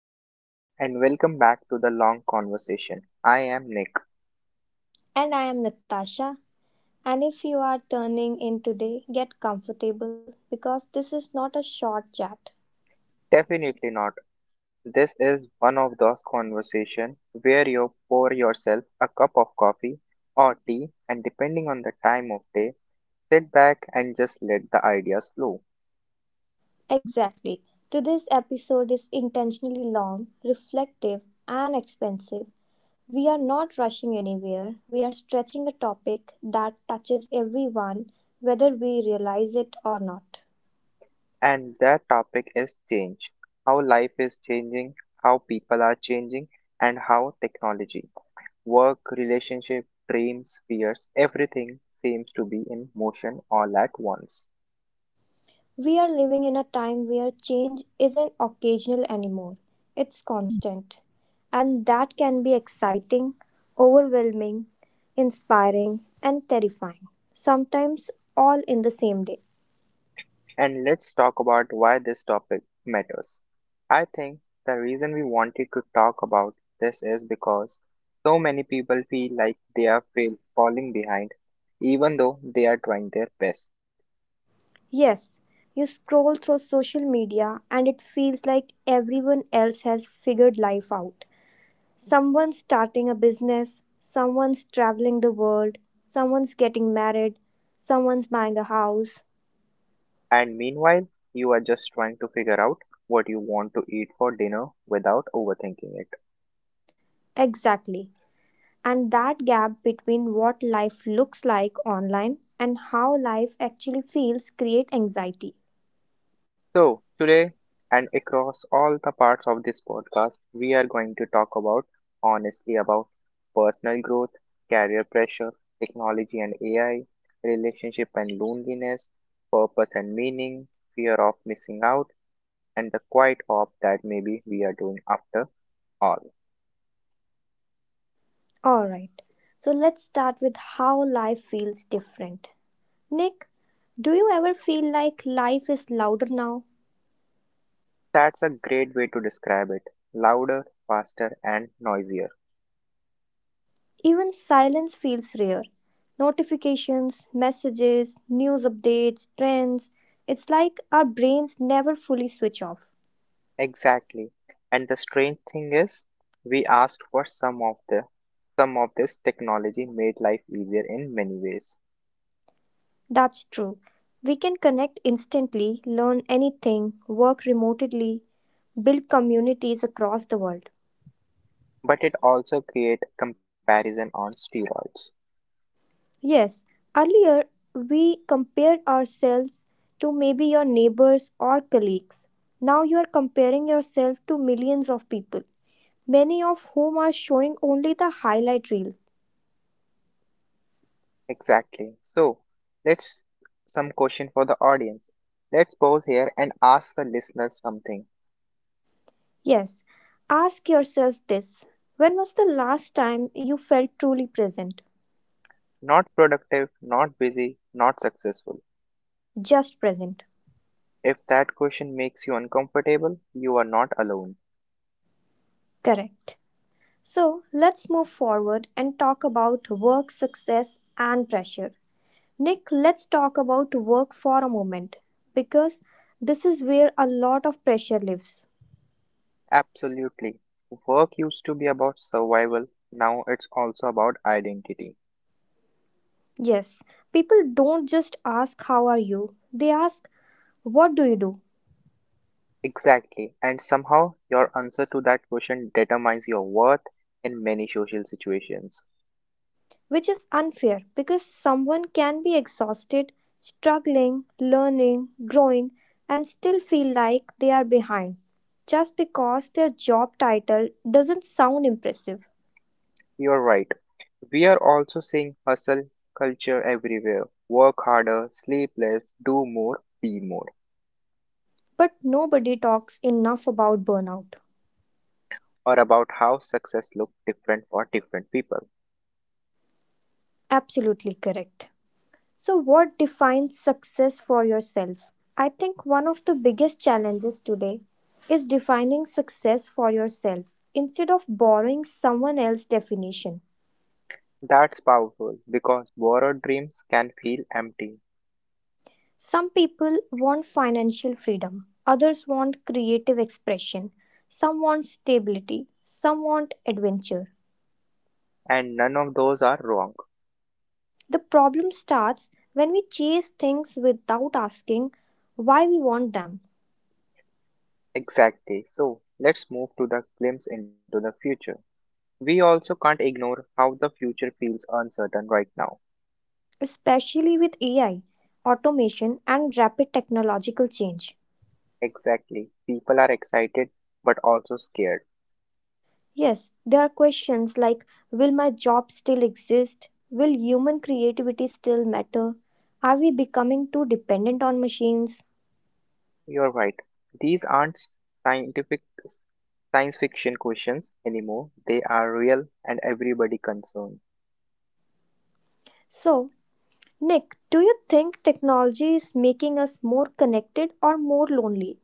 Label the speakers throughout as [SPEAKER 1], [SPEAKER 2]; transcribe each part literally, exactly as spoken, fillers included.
[SPEAKER 1] everyone, and welcome back to the long conversation. I am Nick.
[SPEAKER 2] And I am Natasha. And if you are turning in today, get comfortable because this is not a short chat.
[SPEAKER 1] Definitely not. This is one of those conversations where you pour yourself a cup of coffee or tea, and depending on the time of day, sit back and just let the ideas flow.
[SPEAKER 2] Exactly. Today's episode is intentionally long, reflective, and expensive. We are not rushing anywhere. We are stretching a topic that touches everyone, whether we realize it or not.
[SPEAKER 1] And that topic is change, how life is changing, how people are changing, and how technology, work, relationship, dreams, fears, everything seems to be in motion all at once.
[SPEAKER 2] We are living in a time where change isn't occasional anymore, it's constant. And that can be exciting, overwhelming, inspiring, and terrifying, sometimes all in the same day.
[SPEAKER 1] And let's talk about why this topic matters. I think the reason we wanted to talk about this is because so many people feel like they are fail- falling behind, even though they are trying their best.
[SPEAKER 2] Yes, you scroll through social media and it feels like everyone else has figured life out. Someone's starting a business, someone's traveling the world, someone's getting married, someone's buying a house.
[SPEAKER 1] And meanwhile, you are just trying to figure out what you want to eat for dinner without overthinking it.
[SPEAKER 2] Exactly. And that gap between what life looks like online and how life actually feels create anxiety.
[SPEAKER 1] So, today and across all the parts of this podcast, we are going to talk about honestly about personal growth, career pressure, technology and A I, relationship and loneliness, purpose and meaning, fear of missing out, and the quiet hope that maybe we are doing after all.
[SPEAKER 2] All right. So let's start with how life feels different. Nick, do you ever feel like life is louder now?
[SPEAKER 1] That's a great way to describe it, louder, faster, and noisier.
[SPEAKER 2] Even silence feels rare. Notifications, messages, news updates, trends. It's like our brains never fully switch off.
[SPEAKER 1] Exactly. And the strange thing is, we asked for some of the some of this technology made life easier in many ways,
[SPEAKER 2] That's true. We can connect instantly, learn anything, work remotely, build communities across the world.
[SPEAKER 1] but it also create comparison on steroids.
[SPEAKER 2] Yes, earlier we compared ourselves to maybe your neighbors or colleagues. Now you are comparing yourself to millions of people, many of whom are showing only the highlight reels.
[SPEAKER 1] Exactly. So, let's some question for the audience. Let's pause here and ask the listeners something.
[SPEAKER 2] Yes, ask yourself this, when was the last time you felt truly present?
[SPEAKER 1] Not productive, not busy, not successful.
[SPEAKER 2] Just present.
[SPEAKER 1] If that question makes you uncomfortable, you are not alone.
[SPEAKER 2] Correct. So let's move forward and talk about work success and pressure. Nick, let's talk about work for a moment because this is where a lot of pressure lives.
[SPEAKER 1] Absolutely. Work used to be about survival, now it's also about identity.
[SPEAKER 2] Yes, people don't just ask, "How are you?" They ask, "What do you do?"
[SPEAKER 1] Exactly. And somehow your answer to that question determines your worth in many social situations.
[SPEAKER 2] Which is unfair because someone can be exhausted, struggling, learning, growing, and still feel like they are behind just because their job title doesn't sound impressive.
[SPEAKER 1] You're right. We are also seeing hustle culture everywhere. Work harder, sleep less, do more, be more.
[SPEAKER 2] But nobody talks enough about burnout.
[SPEAKER 1] Or about how success looks different for different people.
[SPEAKER 2] Absolutely correct. So, what defines success for yourself? I think one of the biggest challenges today is defining success for yourself instead of borrowing someone else's definition.
[SPEAKER 1] That's powerful because borrowed dreams can feel empty,
[SPEAKER 2] Some people want financial freedom, others want creative expression, some want stability, some want adventure.
[SPEAKER 1] and none of those are wrong.
[SPEAKER 2] The problem starts when we chase things without asking why we want them,
[SPEAKER 1] Exactly. So let's move to the glimpse into the future. We also can't ignore how the future feels uncertain right now.
[SPEAKER 2] especially with A I, automation, and rapid technological change.
[SPEAKER 1] Exactly. People are excited but also scared.
[SPEAKER 2] Yes, there are questions like, will my job still exist? Will human creativity still matter? Are we becoming too dependent on machines?
[SPEAKER 1] You're right. These aren't scientific science fiction questions anymore. They are real and everybody concerned.
[SPEAKER 2] So, Nick, do you think technology is making us more connected or more lonely?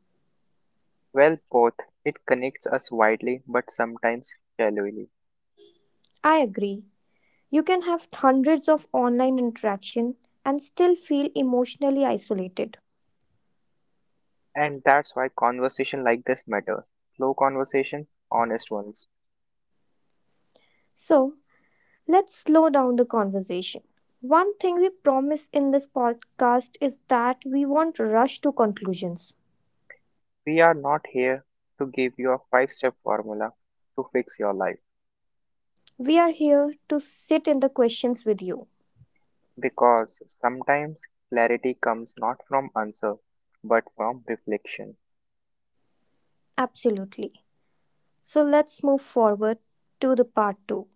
[SPEAKER 1] Well, both, it connects us widely but sometimes shallowly.
[SPEAKER 2] I agree. You can have hundreds of online interaction and still feel emotionally isolated.
[SPEAKER 1] And that's why conversation like this matter. Slow conversation, honest ones.
[SPEAKER 2] So, let's slow down the conversation. One thing we promise in this podcast is that we won't rush to conclusions.
[SPEAKER 1] We are not here to give you a five step formula to fix your life
[SPEAKER 2] We are here to sit in the questions with you.
[SPEAKER 1] because sometimes clarity comes not from answer but from reflection.
[SPEAKER 2] Absolutely. So let's move forward to the part two.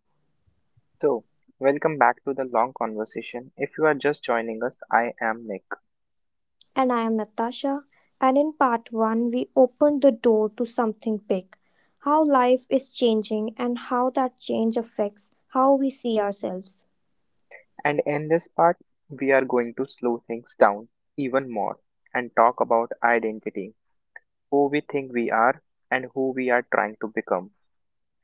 [SPEAKER 1] So, welcome back to the long conversation. If you are just joining us, I am Nick,
[SPEAKER 2] And I am Natasha. And in part one, we opened the door to something big, how life is changing and how that change affects how we see ourselves.
[SPEAKER 1] and in this part, we are going to slow things down even more and talk about identity, who we think we are and who we are trying to become,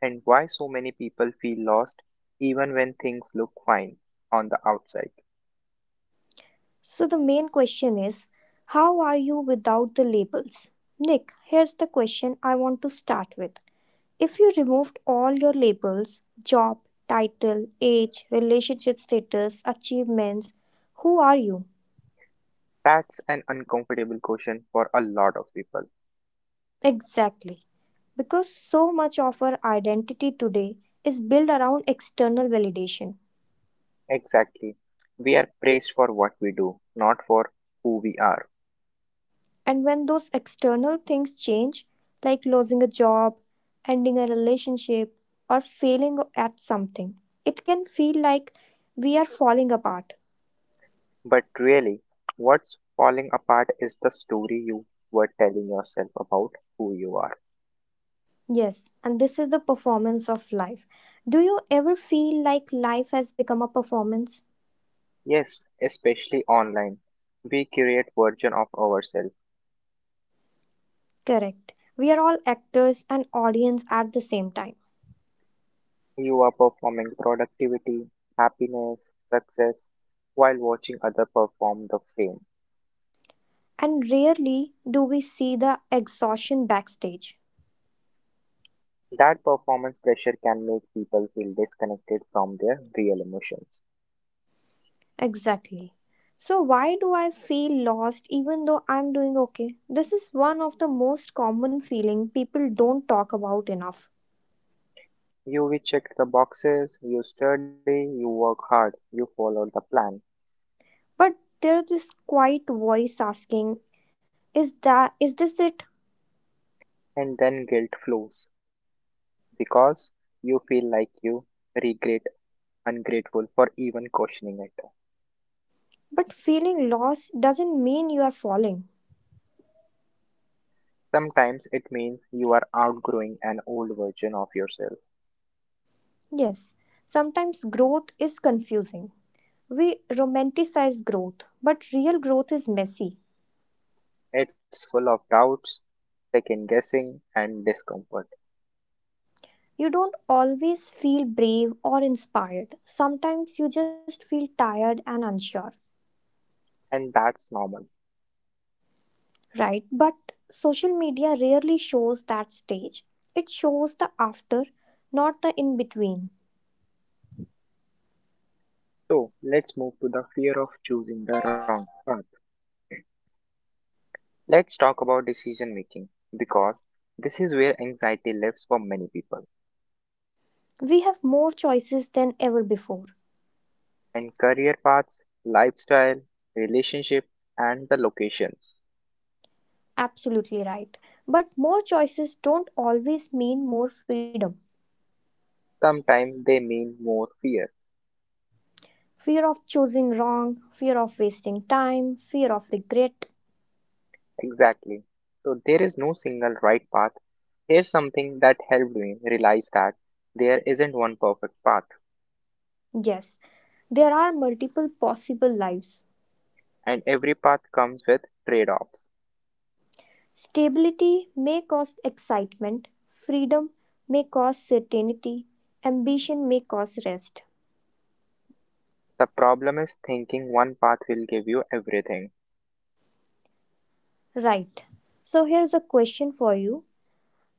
[SPEAKER 1] and why so many people feel lost even when things look fine on the outside?
[SPEAKER 2] So the main question is, how are you without the labels? Nick, here's the question I want to start with. If you removed all your labels, job, title, age, relationship status, achievements, who are you?
[SPEAKER 1] That's an uncomfortable question for a lot of people.
[SPEAKER 2] Exactly. Because so much of our identity today is built around external validation.
[SPEAKER 1] Exactly. We are praised for what we do, not for who we are.
[SPEAKER 2] And when those external things change, like losing a job, ending a relationship, or failing at something, it can feel like we are falling apart.
[SPEAKER 1] But really, what's falling apart is the story you were telling yourself about who you are.
[SPEAKER 2] Yes, and this is the performance of life. Do you ever feel like life has become a performance?
[SPEAKER 1] Yes, especially online. We create version of ourselves.
[SPEAKER 2] Correct. We are all actors and audience at the same time.
[SPEAKER 1] You are performing productivity, happiness, success while watching other perform the same.
[SPEAKER 2] And rarely do we see the exhaustion backstage.
[SPEAKER 1] That performance pressure can make people feel disconnected from their real emotions.
[SPEAKER 2] Exactly. So, why do I feel lost even though I'm doing okay? This is one of the most common feeling people don't talk about enough.
[SPEAKER 1] You will check the boxes, you study, you work hard, you follow the plan,
[SPEAKER 2] But there's this quiet voice asking, is that is this it?
[SPEAKER 1] and then guilt flows because you feel like you regret ungrateful for even questioning it.
[SPEAKER 2] But feeling lost doesn't mean you are falling.
[SPEAKER 1] Sometimes it means you are outgrowing an old version of yourself.
[SPEAKER 2] Yes, sometimes growth is confusing. We romanticize growth, but real growth is messy.
[SPEAKER 1] It's full of doubts, second guessing, and discomfort,
[SPEAKER 2] You don't always feel brave or inspired. Sometimes you just feel tired and unsure.
[SPEAKER 1] and that's normal.
[SPEAKER 2] Right, but social media rarely shows that stage. It shows the after, not the in between.
[SPEAKER 1] So, let's move to the fear of choosing the wrong path. Let's talk about decision making because this is where anxiety lives for many people.
[SPEAKER 2] We have more choices than ever before.
[SPEAKER 1] And career paths, lifestyle, relationship, and the locations.
[SPEAKER 2] Absolutely right. But more choices don't always mean more freedom.
[SPEAKER 1] Sometimes they mean more fear.
[SPEAKER 2] Fear of choosing wrong, fear of wasting time, fear of regret.
[SPEAKER 1] Exactly. So, there is no single right path. Here's something that helped me realize that there isn't one perfect path.
[SPEAKER 2] Yes, there are multiple possible lives.
[SPEAKER 1] And every path comes with trade offs.
[SPEAKER 2] Stability may cause excitement, freedom may cause certainty, ambition may cause rest.
[SPEAKER 1] The problem is thinking one path will give you everything.
[SPEAKER 2] Right. So here's a question for you.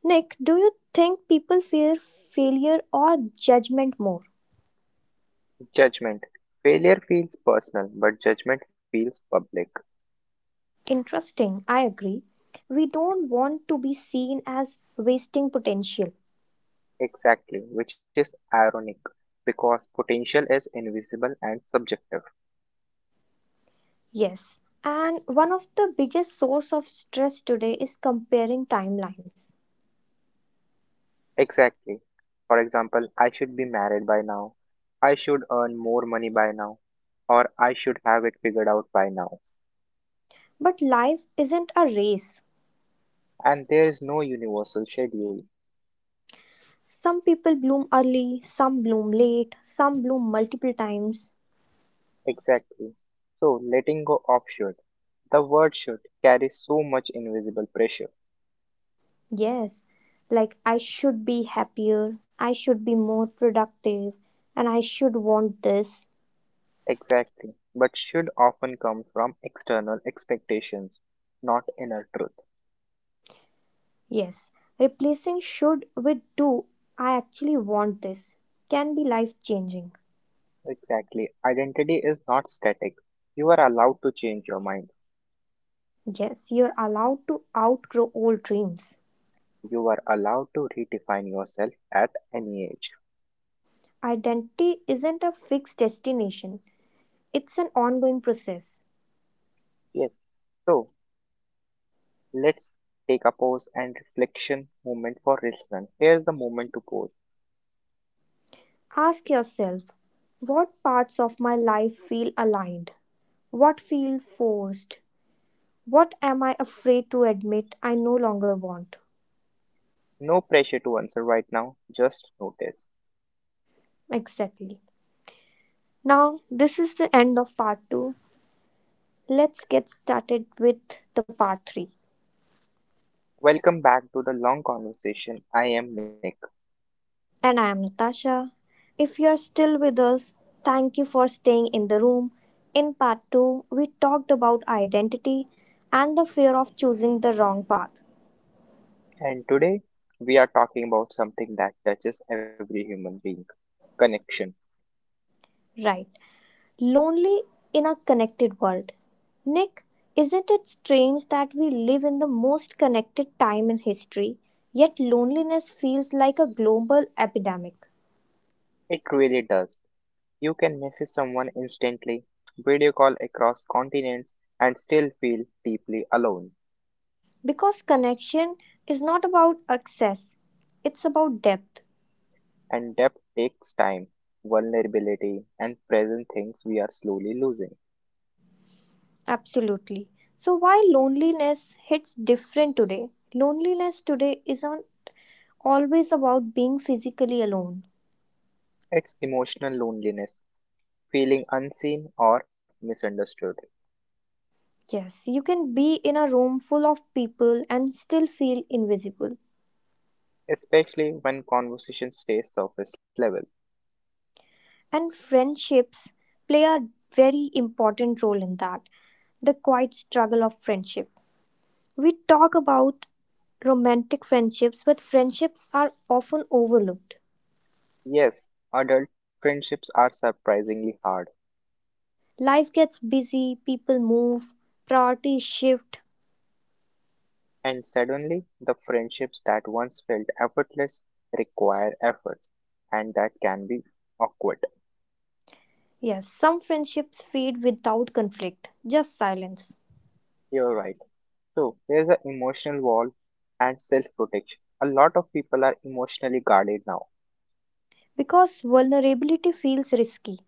[SPEAKER 2] Nick, do you think people fear failure or judgment more?
[SPEAKER 1] Judgment. Failure feels personal, but judgment feels public.
[SPEAKER 2] Interesting, I agree. We don't want to be seen as wasting potential.
[SPEAKER 1] Exactly, which is ironic because potential is invisible and subjective.
[SPEAKER 2] Yes. And one of the biggest source of stress today is comparing timelines.
[SPEAKER 1] Exactly. For example, I should be married by now. I should earn more money by now. Or I should have it figured out by now.
[SPEAKER 2] But life isn't a race.
[SPEAKER 1] And there is no universal schedule.
[SPEAKER 2] Some people bloom early, some bloom late, some bloom multiple times.
[SPEAKER 1] Exactly. So, letting go of should. The word should carries so much invisible pressure.
[SPEAKER 2] Yes, like I should be happier, I should be more productive, and I should want this.
[SPEAKER 1] Exactly. But should often come from external expectations, not inner truth.
[SPEAKER 2] Yes, replacing should with do, I actually want this, can be life changing.
[SPEAKER 1] Exactly. Identity is not static. You are allowed to change your mind.
[SPEAKER 2] Yes, you're allowed to outgrow old dreams.
[SPEAKER 1] You are allowed to redefine yourself at any age.
[SPEAKER 2] Identity isn't a fixed destination, it's an ongoing process.
[SPEAKER 1] Yes. So, let's take a pause and reflection moment for listeners. Here's the moment to pause.
[SPEAKER 2] Ask yourself, what parts of my life feel aligned, what feel forced, what am I afraid to admit I no longer want?
[SPEAKER 1] No pressure to answer right now, just notice.
[SPEAKER 2] Exactly. Now, this is the end of part two. Let's get started with the part three.
[SPEAKER 1] Welcome back to the long conversation. I am Nick,
[SPEAKER 2] And I am Natasha. If you are still with us, thank you for staying in the room. In part two, we talked about identity and the fear of choosing the wrong path.
[SPEAKER 1] and today we are talking about something that touches every human being, connection.
[SPEAKER 2] Right. Lonely in a connected world. Nick, isn't it strange that we live in the most connected time in history, yet loneliness feels like a global epidemic?
[SPEAKER 1] It really does. You can message someone instantly, video call across continents, and still feel deeply alone.
[SPEAKER 2] Because connection is not about access, it's about depth.
[SPEAKER 1] And depth takes time, vulnerability, and present, things we are slowly losing.
[SPEAKER 2] Absolutely. So, why loneliness hits different today? Loneliness today isn't always about being physically alone.
[SPEAKER 1] It's emotional loneliness, feeling unseen or misunderstood,
[SPEAKER 2] Yes, you can be in a room full of people and still feel invisible.
[SPEAKER 1] especially when conversation stays surface level.
[SPEAKER 2] And friendships play a very important role in that. The quiet struggle of friendship. We talk about romantic friendships, but friendships are often overlooked.
[SPEAKER 1] Yes, adult friendships are surprisingly hard,
[SPEAKER 2] Life gets busy, people move, priorities shift.
[SPEAKER 1] and suddenly the friendships that once felt effortless require effort, and that can be awkward.
[SPEAKER 2] Yes, some friendships fade without conflict, just silence.
[SPEAKER 1] You're right. So, there's an emotional wall and self protection. A lot of people are emotionally guarded now,
[SPEAKER 2] Because vulnerability feels risky.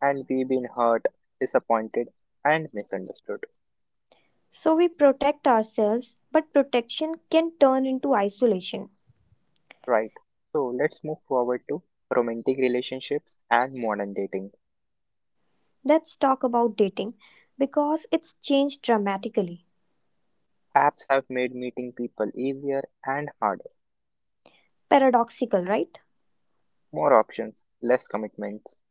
[SPEAKER 1] and we've been hurt, disappointed, and misunderstood.
[SPEAKER 2] So we protect ourselves, but protection can turn into isolation.
[SPEAKER 1] Right. So, let's move forward to romantic relationships and modern dating.
[SPEAKER 2] Let's talk about dating because it's changed dramatically.
[SPEAKER 1] Apps have made meeting people easier and harder,
[SPEAKER 2] Paradoxical, right?
[SPEAKER 1] more options, less commitments,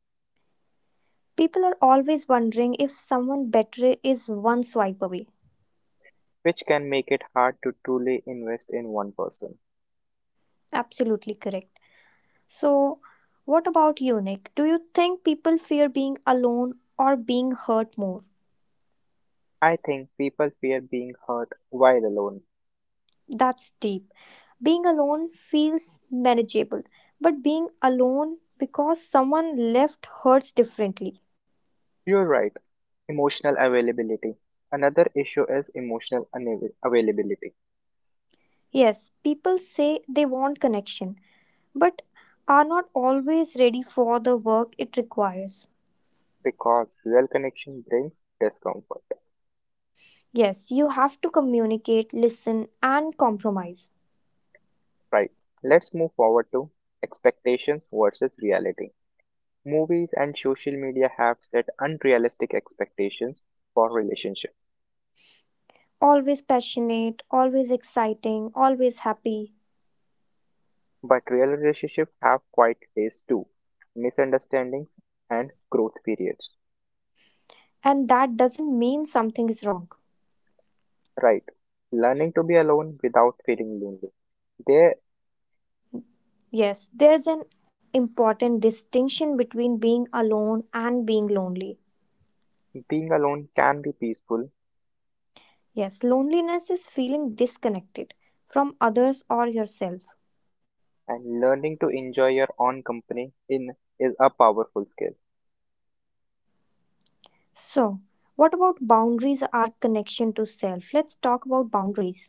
[SPEAKER 2] People are always wondering if someone better is one swipe away.
[SPEAKER 1] which can make it hard to truly invest in one person.
[SPEAKER 2] Absolutely correct. So, what about you, Nick? Do you think people fear being alone or being hurt more?
[SPEAKER 1] I think people fear being hurt while alone.
[SPEAKER 2] That's deep. Being alone feels manageable, but being alone because someone left hurts differently.
[SPEAKER 1] You're right, emotional availability. Another issue is emotional unav- availability
[SPEAKER 2] Yes, people say they want connection but are not always ready for the work it requires.
[SPEAKER 1] because real connection brings discomfort.
[SPEAKER 2] Yes, you have to communicate, listen, and compromise.
[SPEAKER 1] Right, let's move forward to expectations versus reality. Movies and social media have set unrealistic expectations for relationships.
[SPEAKER 2] Always passionate, always exciting, always happy.
[SPEAKER 1] But real relationships have quiet days too, misunderstandings and growth periods.
[SPEAKER 2] And that doesn't mean something is wrong.
[SPEAKER 1] Right. Learning to be alone without feeling lonely. There,
[SPEAKER 2] Yes, there's an important distinction between being alone and being lonely.
[SPEAKER 1] being alone can be peaceful,
[SPEAKER 2] Yes, loneliness is feeling disconnected from others or yourself.
[SPEAKER 1] and learning to enjoy your own company in is a powerful skill.
[SPEAKER 2] So, what about boundaries are connection to self? Let's talk about boundaries.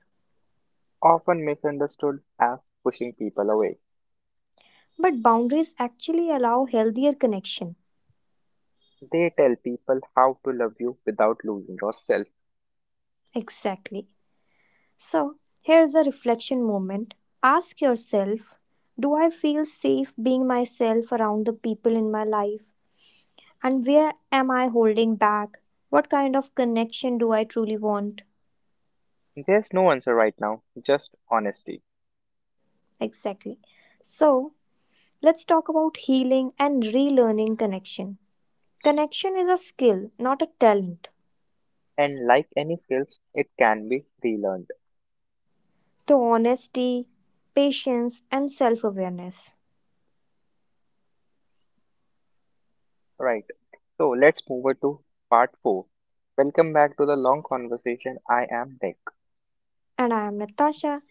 [SPEAKER 1] Often misunderstood as pushing people away.
[SPEAKER 2] But boundaries actually allow healthier connection.
[SPEAKER 1] They tell people how to love you without losing yourself.
[SPEAKER 2] Exactly. So, here's a reflection moment. Ask yourself, do I feel safe being myself around the people in my life? And where am I holding back? What kind of connection do I truly want?
[SPEAKER 1] There's no answer right now, just honesty.
[SPEAKER 2] Exactly. So, let's talk about healing and relearning connection. Connection is a skill, not a talent.
[SPEAKER 1] And like any skills, it can be relearned.
[SPEAKER 2] The honesty, patience, and self awareness.
[SPEAKER 1] Right. So let's move over to part four. Welcome back to the long conversation. I am Nick.
[SPEAKER 2] And I am Natasha.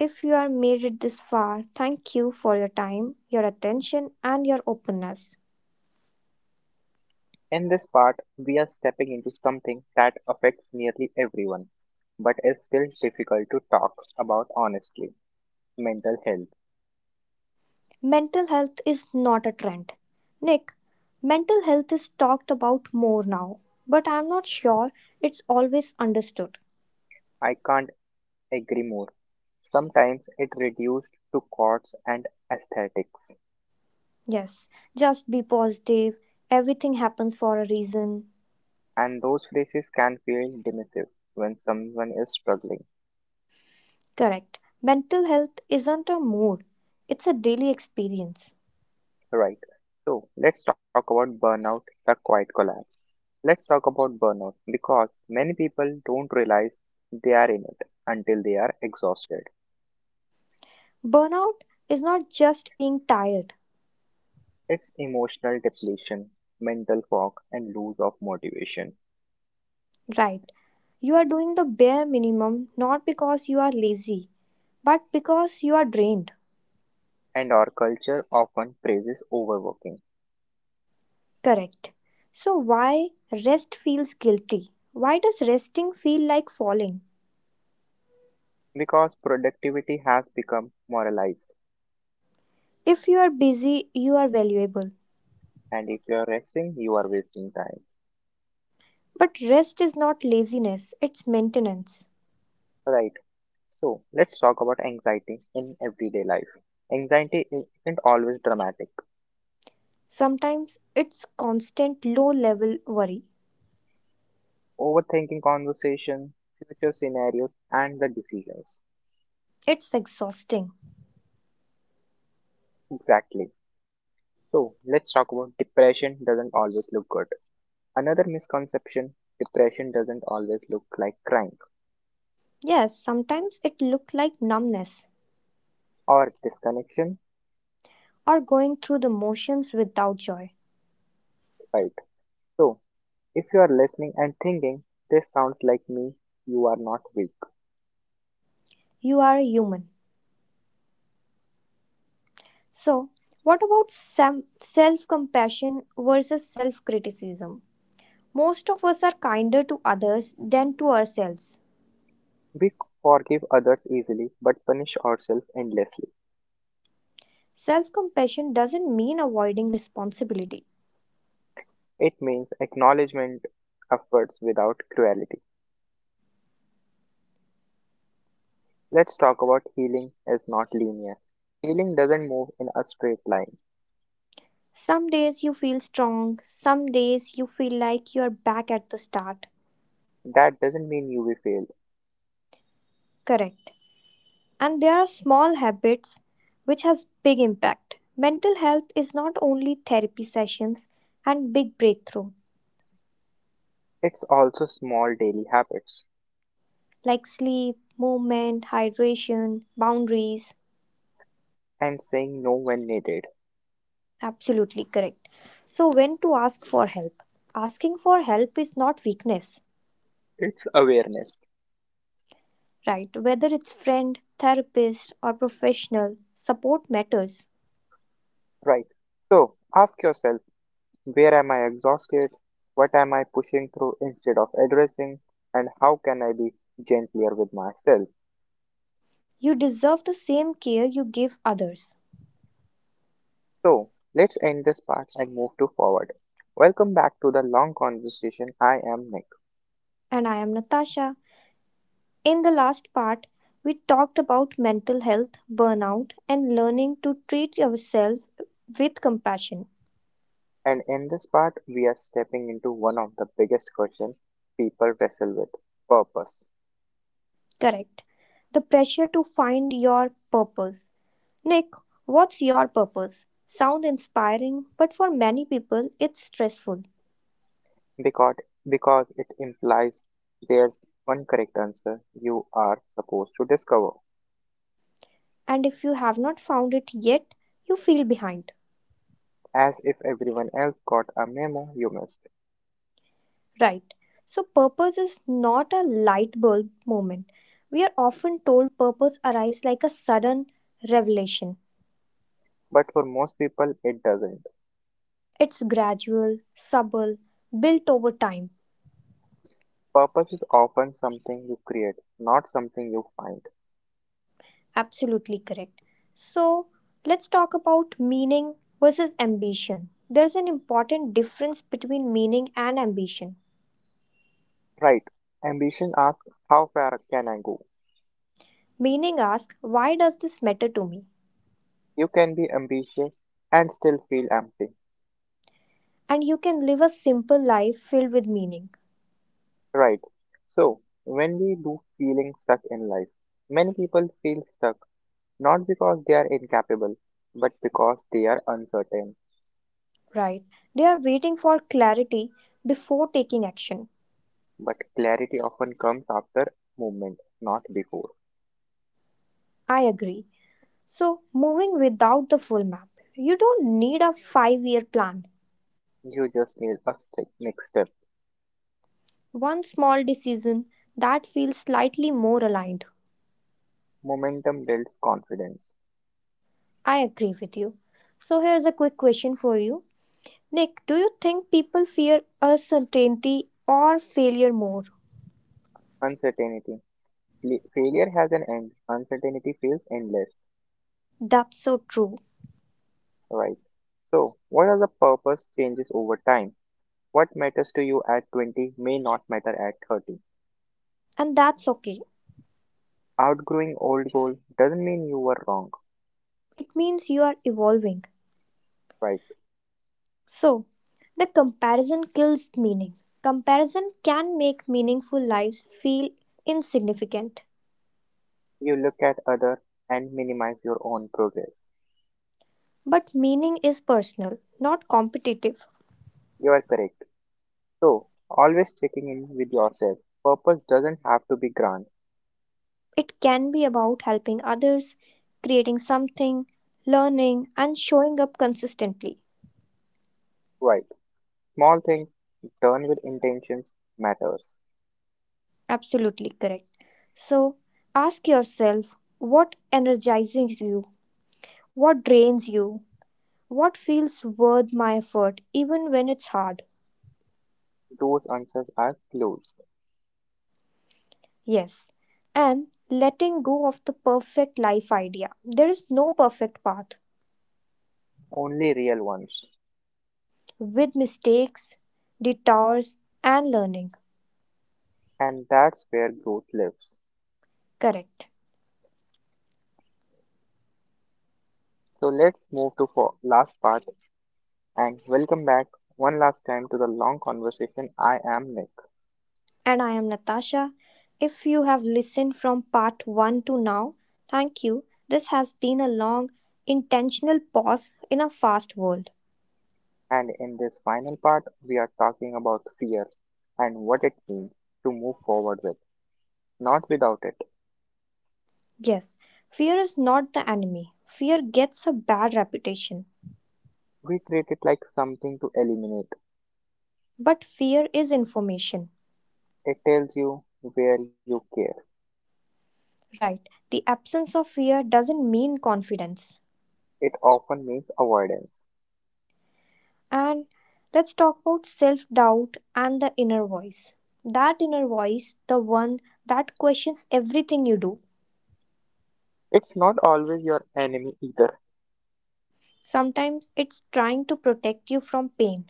[SPEAKER 2] If you are made it this far, thank you for your time, your attention, and your openness.
[SPEAKER 1] In this part, we are stepping into something that affects nearly everyone, but is still difficult to talk about honestly, mental health.
[SPEAKER 2] Mental health is not a trend. Nick, mental health is talked about more now, but I'm not sure it's always understood.
[SPEAKER 1] I can't agree more. Sometimes it reduced to chords and aesthetics,
[SPEAKER 2] Yes, just be positive. Everything happens for a reason.
[SPEAKER 1] and those phrases can feel dismissive when someone is struggling.
[SPEAKER 2] Correct. Mental health isn't a mood, it's a daily experience.
[SPEAKER 1] Right. So let's talk about burnout, the quiet collapse. Let's talk about burnout because many people don't realize they are in it until they are exhausted.
[SPEAKER 2] Burnout is not just being tired.
[SPEAKER 1] It's emotional depletion, mental fog, and loss of motivation.
[SPEAKER 2] Right. You are doing the bare minimum not because you are lazy, but because you are drained.
[SPEAKER 1] And our culture often praises overworking
[SPEAKER 2] Correct. So, why rest feels guilty? Why does resting feel like falling?
[SPEAKER 1] because productivity has become moralized.
[SPEAKER 2] If you are busy, you are valuable.
[SPEAKER 1] And if you're resting, you are wasting time.
[SPEAKER 2] But rest is not laziness, it's maintenance.
[SPEAKER 1] Right. So let's talk about anxiety in everyday life. Anxiety isn't always dramatic.
[SPEAKER 2] Sometimes it's constant low level worry.
[SPEAKER 1] Overthinking conversation, future scenarios, and the decisions.
[SPEAKER 2] It's exhausting.
[SPEAKER 1] Exactly. So, let's talk about depression doesn't always look good. Another misconception, depression doesn't always look like crying
[SPEAKER 2] Yes, sometimes it looks like numbness
[SPEAKER 1] or disconnection,
[SPEAKER 2] or going through the motions without joy.
[SPEAKER 1] right? So, if you are listening and thinking, this sounds like me, you are not weak.
[SPEAKER 2] You are a human. So, what about self compassion versus self criticism? Most of us are kinder to others than to ourselves.
[SPEAKER 1] We forgive others easily but punish ourselves endlessly.
[SPEAKER 2] Self compassion doesn't mean avoiding responsibility.
[SPEAKER 1] It means acknowledgement efforts without cruelty. Let's talk about healing is not linear. Healing doesn't move in a straight line.
[SPEAKER 2] Some days you feel strong, some days you feel like you are back at the start.
[SPEAKER 1] That doesn't mean you will fail.
[SPEAKER 2] Correct. And there are small habits which has big impact. Mental health is not only therapy sessions and big breakthrough,
[SPEAKER 1] It's also small daily habits
[SPEAKER 2] like sleep, movement, hydration, boundaries.
[SPEAKER 1] and saying no when needed.
[SPEAKER 2] Absolutely correct. So, when to ask for help? Asking for help is not weakness,
[SPEAKER 1] It's awareness,
[SPEAKER 2] right? Whether it's friend, therapist, or professional, support matters.
[SPEAKER 1] right? So ask yourself, where am I exhausted? What am I pushing through instead of addressing? And how can I be gentler with myself?
[SPEAKER 2] You deserve the same care you give others.
[SPEAKER 1] So let's end this part and move to forward. Welcome back to the long conversation. I am Nick.
[SPEAKER 2] And I am Natasha. In the last part, we talked about mental health, burnout, and learning to treat yourself with compassion.
[SPEAKER 1] And in this part, we are stepping into one of the biggest questions people wrestle with, purpose.
[SPEAKER 2] Correct. The pressure to find your purpose. Nick, what's your purpose? Sound inspiring, but for many people it's stressful.
[SPEAKER 1] Because, because it implies there's one correct answer you are supposed to discover,
[SPEAKER 2] And if you have not found it yet, you feel behind.
[SPEAKER 1] as if everyone else got a memo you missed.
[SPEAKER 2] Right. So purpose is not a light bulb moment. We are often told purpose arrives like a sudden revelation.
[SPEAKER 1] But for most people, it doesn't.
[SPEAKER 2] It's gradual, subtle, built over time.
[SPEAKER 1] Purpose is often something you create, not something you find.
[SPEAKER 2] Absolutely correct. So let's talk about meaning versus ambition. There's an important difference between meaning and ambition.
[SPEAKER 1] Right. Ambition asks, how far can I go?
[SPEAKER 2] Meaning asks, why does this matter to me?
[SPEAKER 1] You can be ambitious and still feel empty.
[SPEAKER 2] And you can live a simple life filled with meaning,
[SPEAKER 1] Right. So, when we do feeling stuck in life, many people feel stuck not because they are incapable, but because they are uncertain.
[SPEAKER 2] right? They are waiting for clarity before taking action.
[SPEAKER 1] But clarity often comes after movement, not before.
[SPEAKER 2] I agree. So, moving without the full map. You don't need a five year plan.
[SPEAKER 1] You just need a step, next step.
[SPEAKER 2] One small decision that feels slightly more aligned.
[SPEAKER 1] Momentum builds confidence.
[SPEAKER 2] I agree with you. So, here's a quick question for you, Nick, do you think people fear uncertainty or failure more?
[SPEAKER 1] Uncertainty. Fli- Failure has an end. Uncertainty feels endless.
[SPEAKER 2] That's so true.
[SPEAKER 1] Right. So, what are the purpose changes over time? What matters to you at twenty may not matter at thirty.
[SPEAKER 2] And that's okay.
[SPEAKER 1] Outgrowing old goal doesn't mean you were wrong,
[SPEAKER 2] It means you are evolving.
[SPEAKER 1] right?
[SPEAKER 2] So, the comparison kills meaning. Comparison can make meaningful lives feel insignificant.
[SPEAKER 1] You look at other and minimize your own progress.
[SPEAKER 2] But meaning is personal, not competitive.
[SPEAKER 1] You are correct. So, always checking in with yourself. Purpose doesn't have to be grand,
[SPEAKER 2] It can be about helping others, creating something, learning, and showing up consistently.
[SPEAKER 1] right? Small things done with intentions matters.
[SPEAKER 2] Absolutely correct. So, ask yourself, what energizes you, what drains you, what feels worth my effort, even when it's hard.
[SPEAKER 1] Those answers are clues,
[SPEAKER 2] Yes. And letting go of the perfect life idea. There is no perfect path,
[SPEAKER 1] only real ones.
[SPEAKER 2] with mistakes, detours, and learning.
[SPEAKER 1] And that's where growth lives.
[SPEAKER 2] Correct.
[SPEAKER 1] So let's move to for last part and welcome back one last time to the long conversation. I am Nick.
[SPEAKER 2] And I am Natasha. If you have listened from part one to now, thank you. This has been a long, intentional pause in a fast world.
[SPEAKER 1] And in this final part, we are talking about fear and what it means to move forward with, not without it.
[SPEAKER 2] Yes, fear is not the enemy. Fear gets a bad reputation.
[SPEAKER 1] We treat it like something to eliminate.
[SPEAKER 2] But fear is information.
[SPEAKER 1] It tells you where you care.
[SPEAKER 2] Right. The absence of fear doesn't mean confidence.
[SPEAKER 1] It often means avoidance.
[SPEAKER 2] And let's talk about self doubt and the inner voice. That inner voice, the one that questions everything you do.
[SPEAKER 1] It's not always your enemy either,
[SPEAKER 2] Sometimes it's trying to protect you from pain.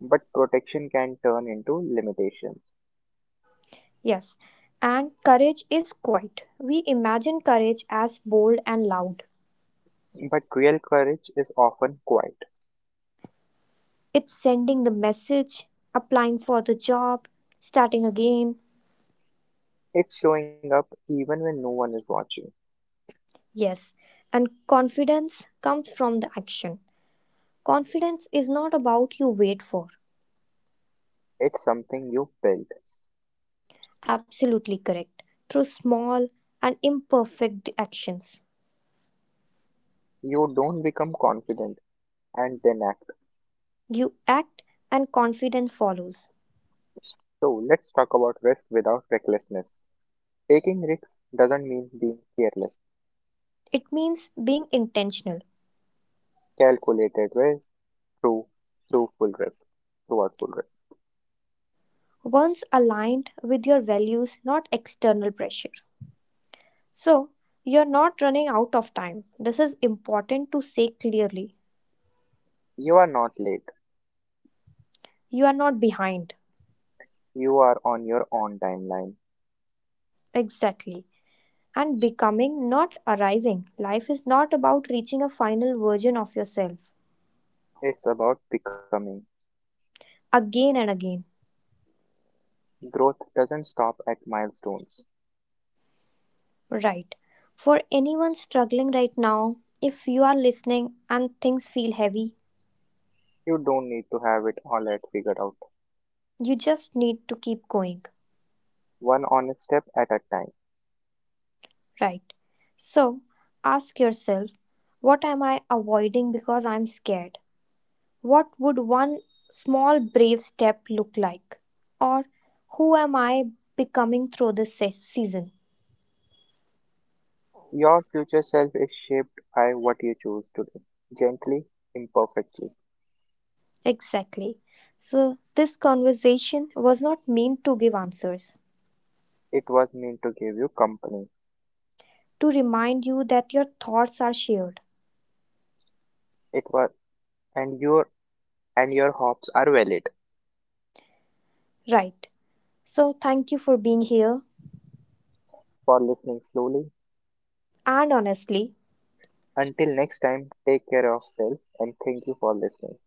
[SPEAKER 1] but protection can turn into limitations.
[SPEAKER 2] Yes, and courage is quiet. We imagine courage as bold and loud.
[SPEAKER 1] But real courage is often quiet.
[SPEAKER 2] It's sending the message, applying for the job, starting again.
[SPEAKER 1] It's showing up even when no one is watching.
[SPEAKER 2] Yes, and confidence comes from the action. Confidence is not about you wait for.
[SPEAKER 1] It's something you build.
[SPEAKER 2] Absolutely correct. Through small and imperfect actions,
[SPEAKER 1] You don't become confident and then act.
[SPEAKER 2] you act and confidence follows.
[SPEAKER 1] So let's talk about risk without recklessness. Taking risks doesn't mean being careless.
[SPEAKER 2] It means being intentional,
[SPEAKER 1] Calculated risk through through full risk. Throughout full risk.
[SPEAKER 2] once aligned with your values, not external pressure. So, you're not running out of time. This is important to say clearly.
[SPEAKER 1] You are not late.
[SPEAKER 2] You are not behind.
[SPEAKER 1] You are on your own timeline.
[SPEAKER 2] Exactly. And becoming, not arriving. Life is not about reaching a final version of yourself
[SPEAKER 1] It's about becoming.
[SPEAKER 2] again and again.
[SPEAKER 1] Growth doesn't stop at milestones.
[SPEAKER 2] Right. For anyone struggling right now, if you are listening and things feel heavy,
[SPEAKER 1] You don't need to have it all at figured out.
[SPEAKER 2] you just need to keep going.
[SPEAKER 1] One honest step at a time.
[SPEAKER 2] Right. So ask yourself, what am I avoiding because I'm scared? What would one small brave step look like? Or who am I becoming through this se- season?
[SPEAKER 1] Your future self is shaped by what you choose today. Gently, imperfectly.
[SPEAKER 2] Exactly. So this conversation was not meant to give answers,
[SPEAKER 1] It was meant to give you company.
[SPEAKER 2] to remind you that your thoughts are shared.
[SPEAKER 1] It was And your and your hopes are valid.
[SPEAKER 2] Right. So, thank you for being here.
[SPEAKER 1] For listening slowly.
[SPEAKER 2] And honestly,
[SPEAKER 1] Until next time, take care of self and thank you for listening.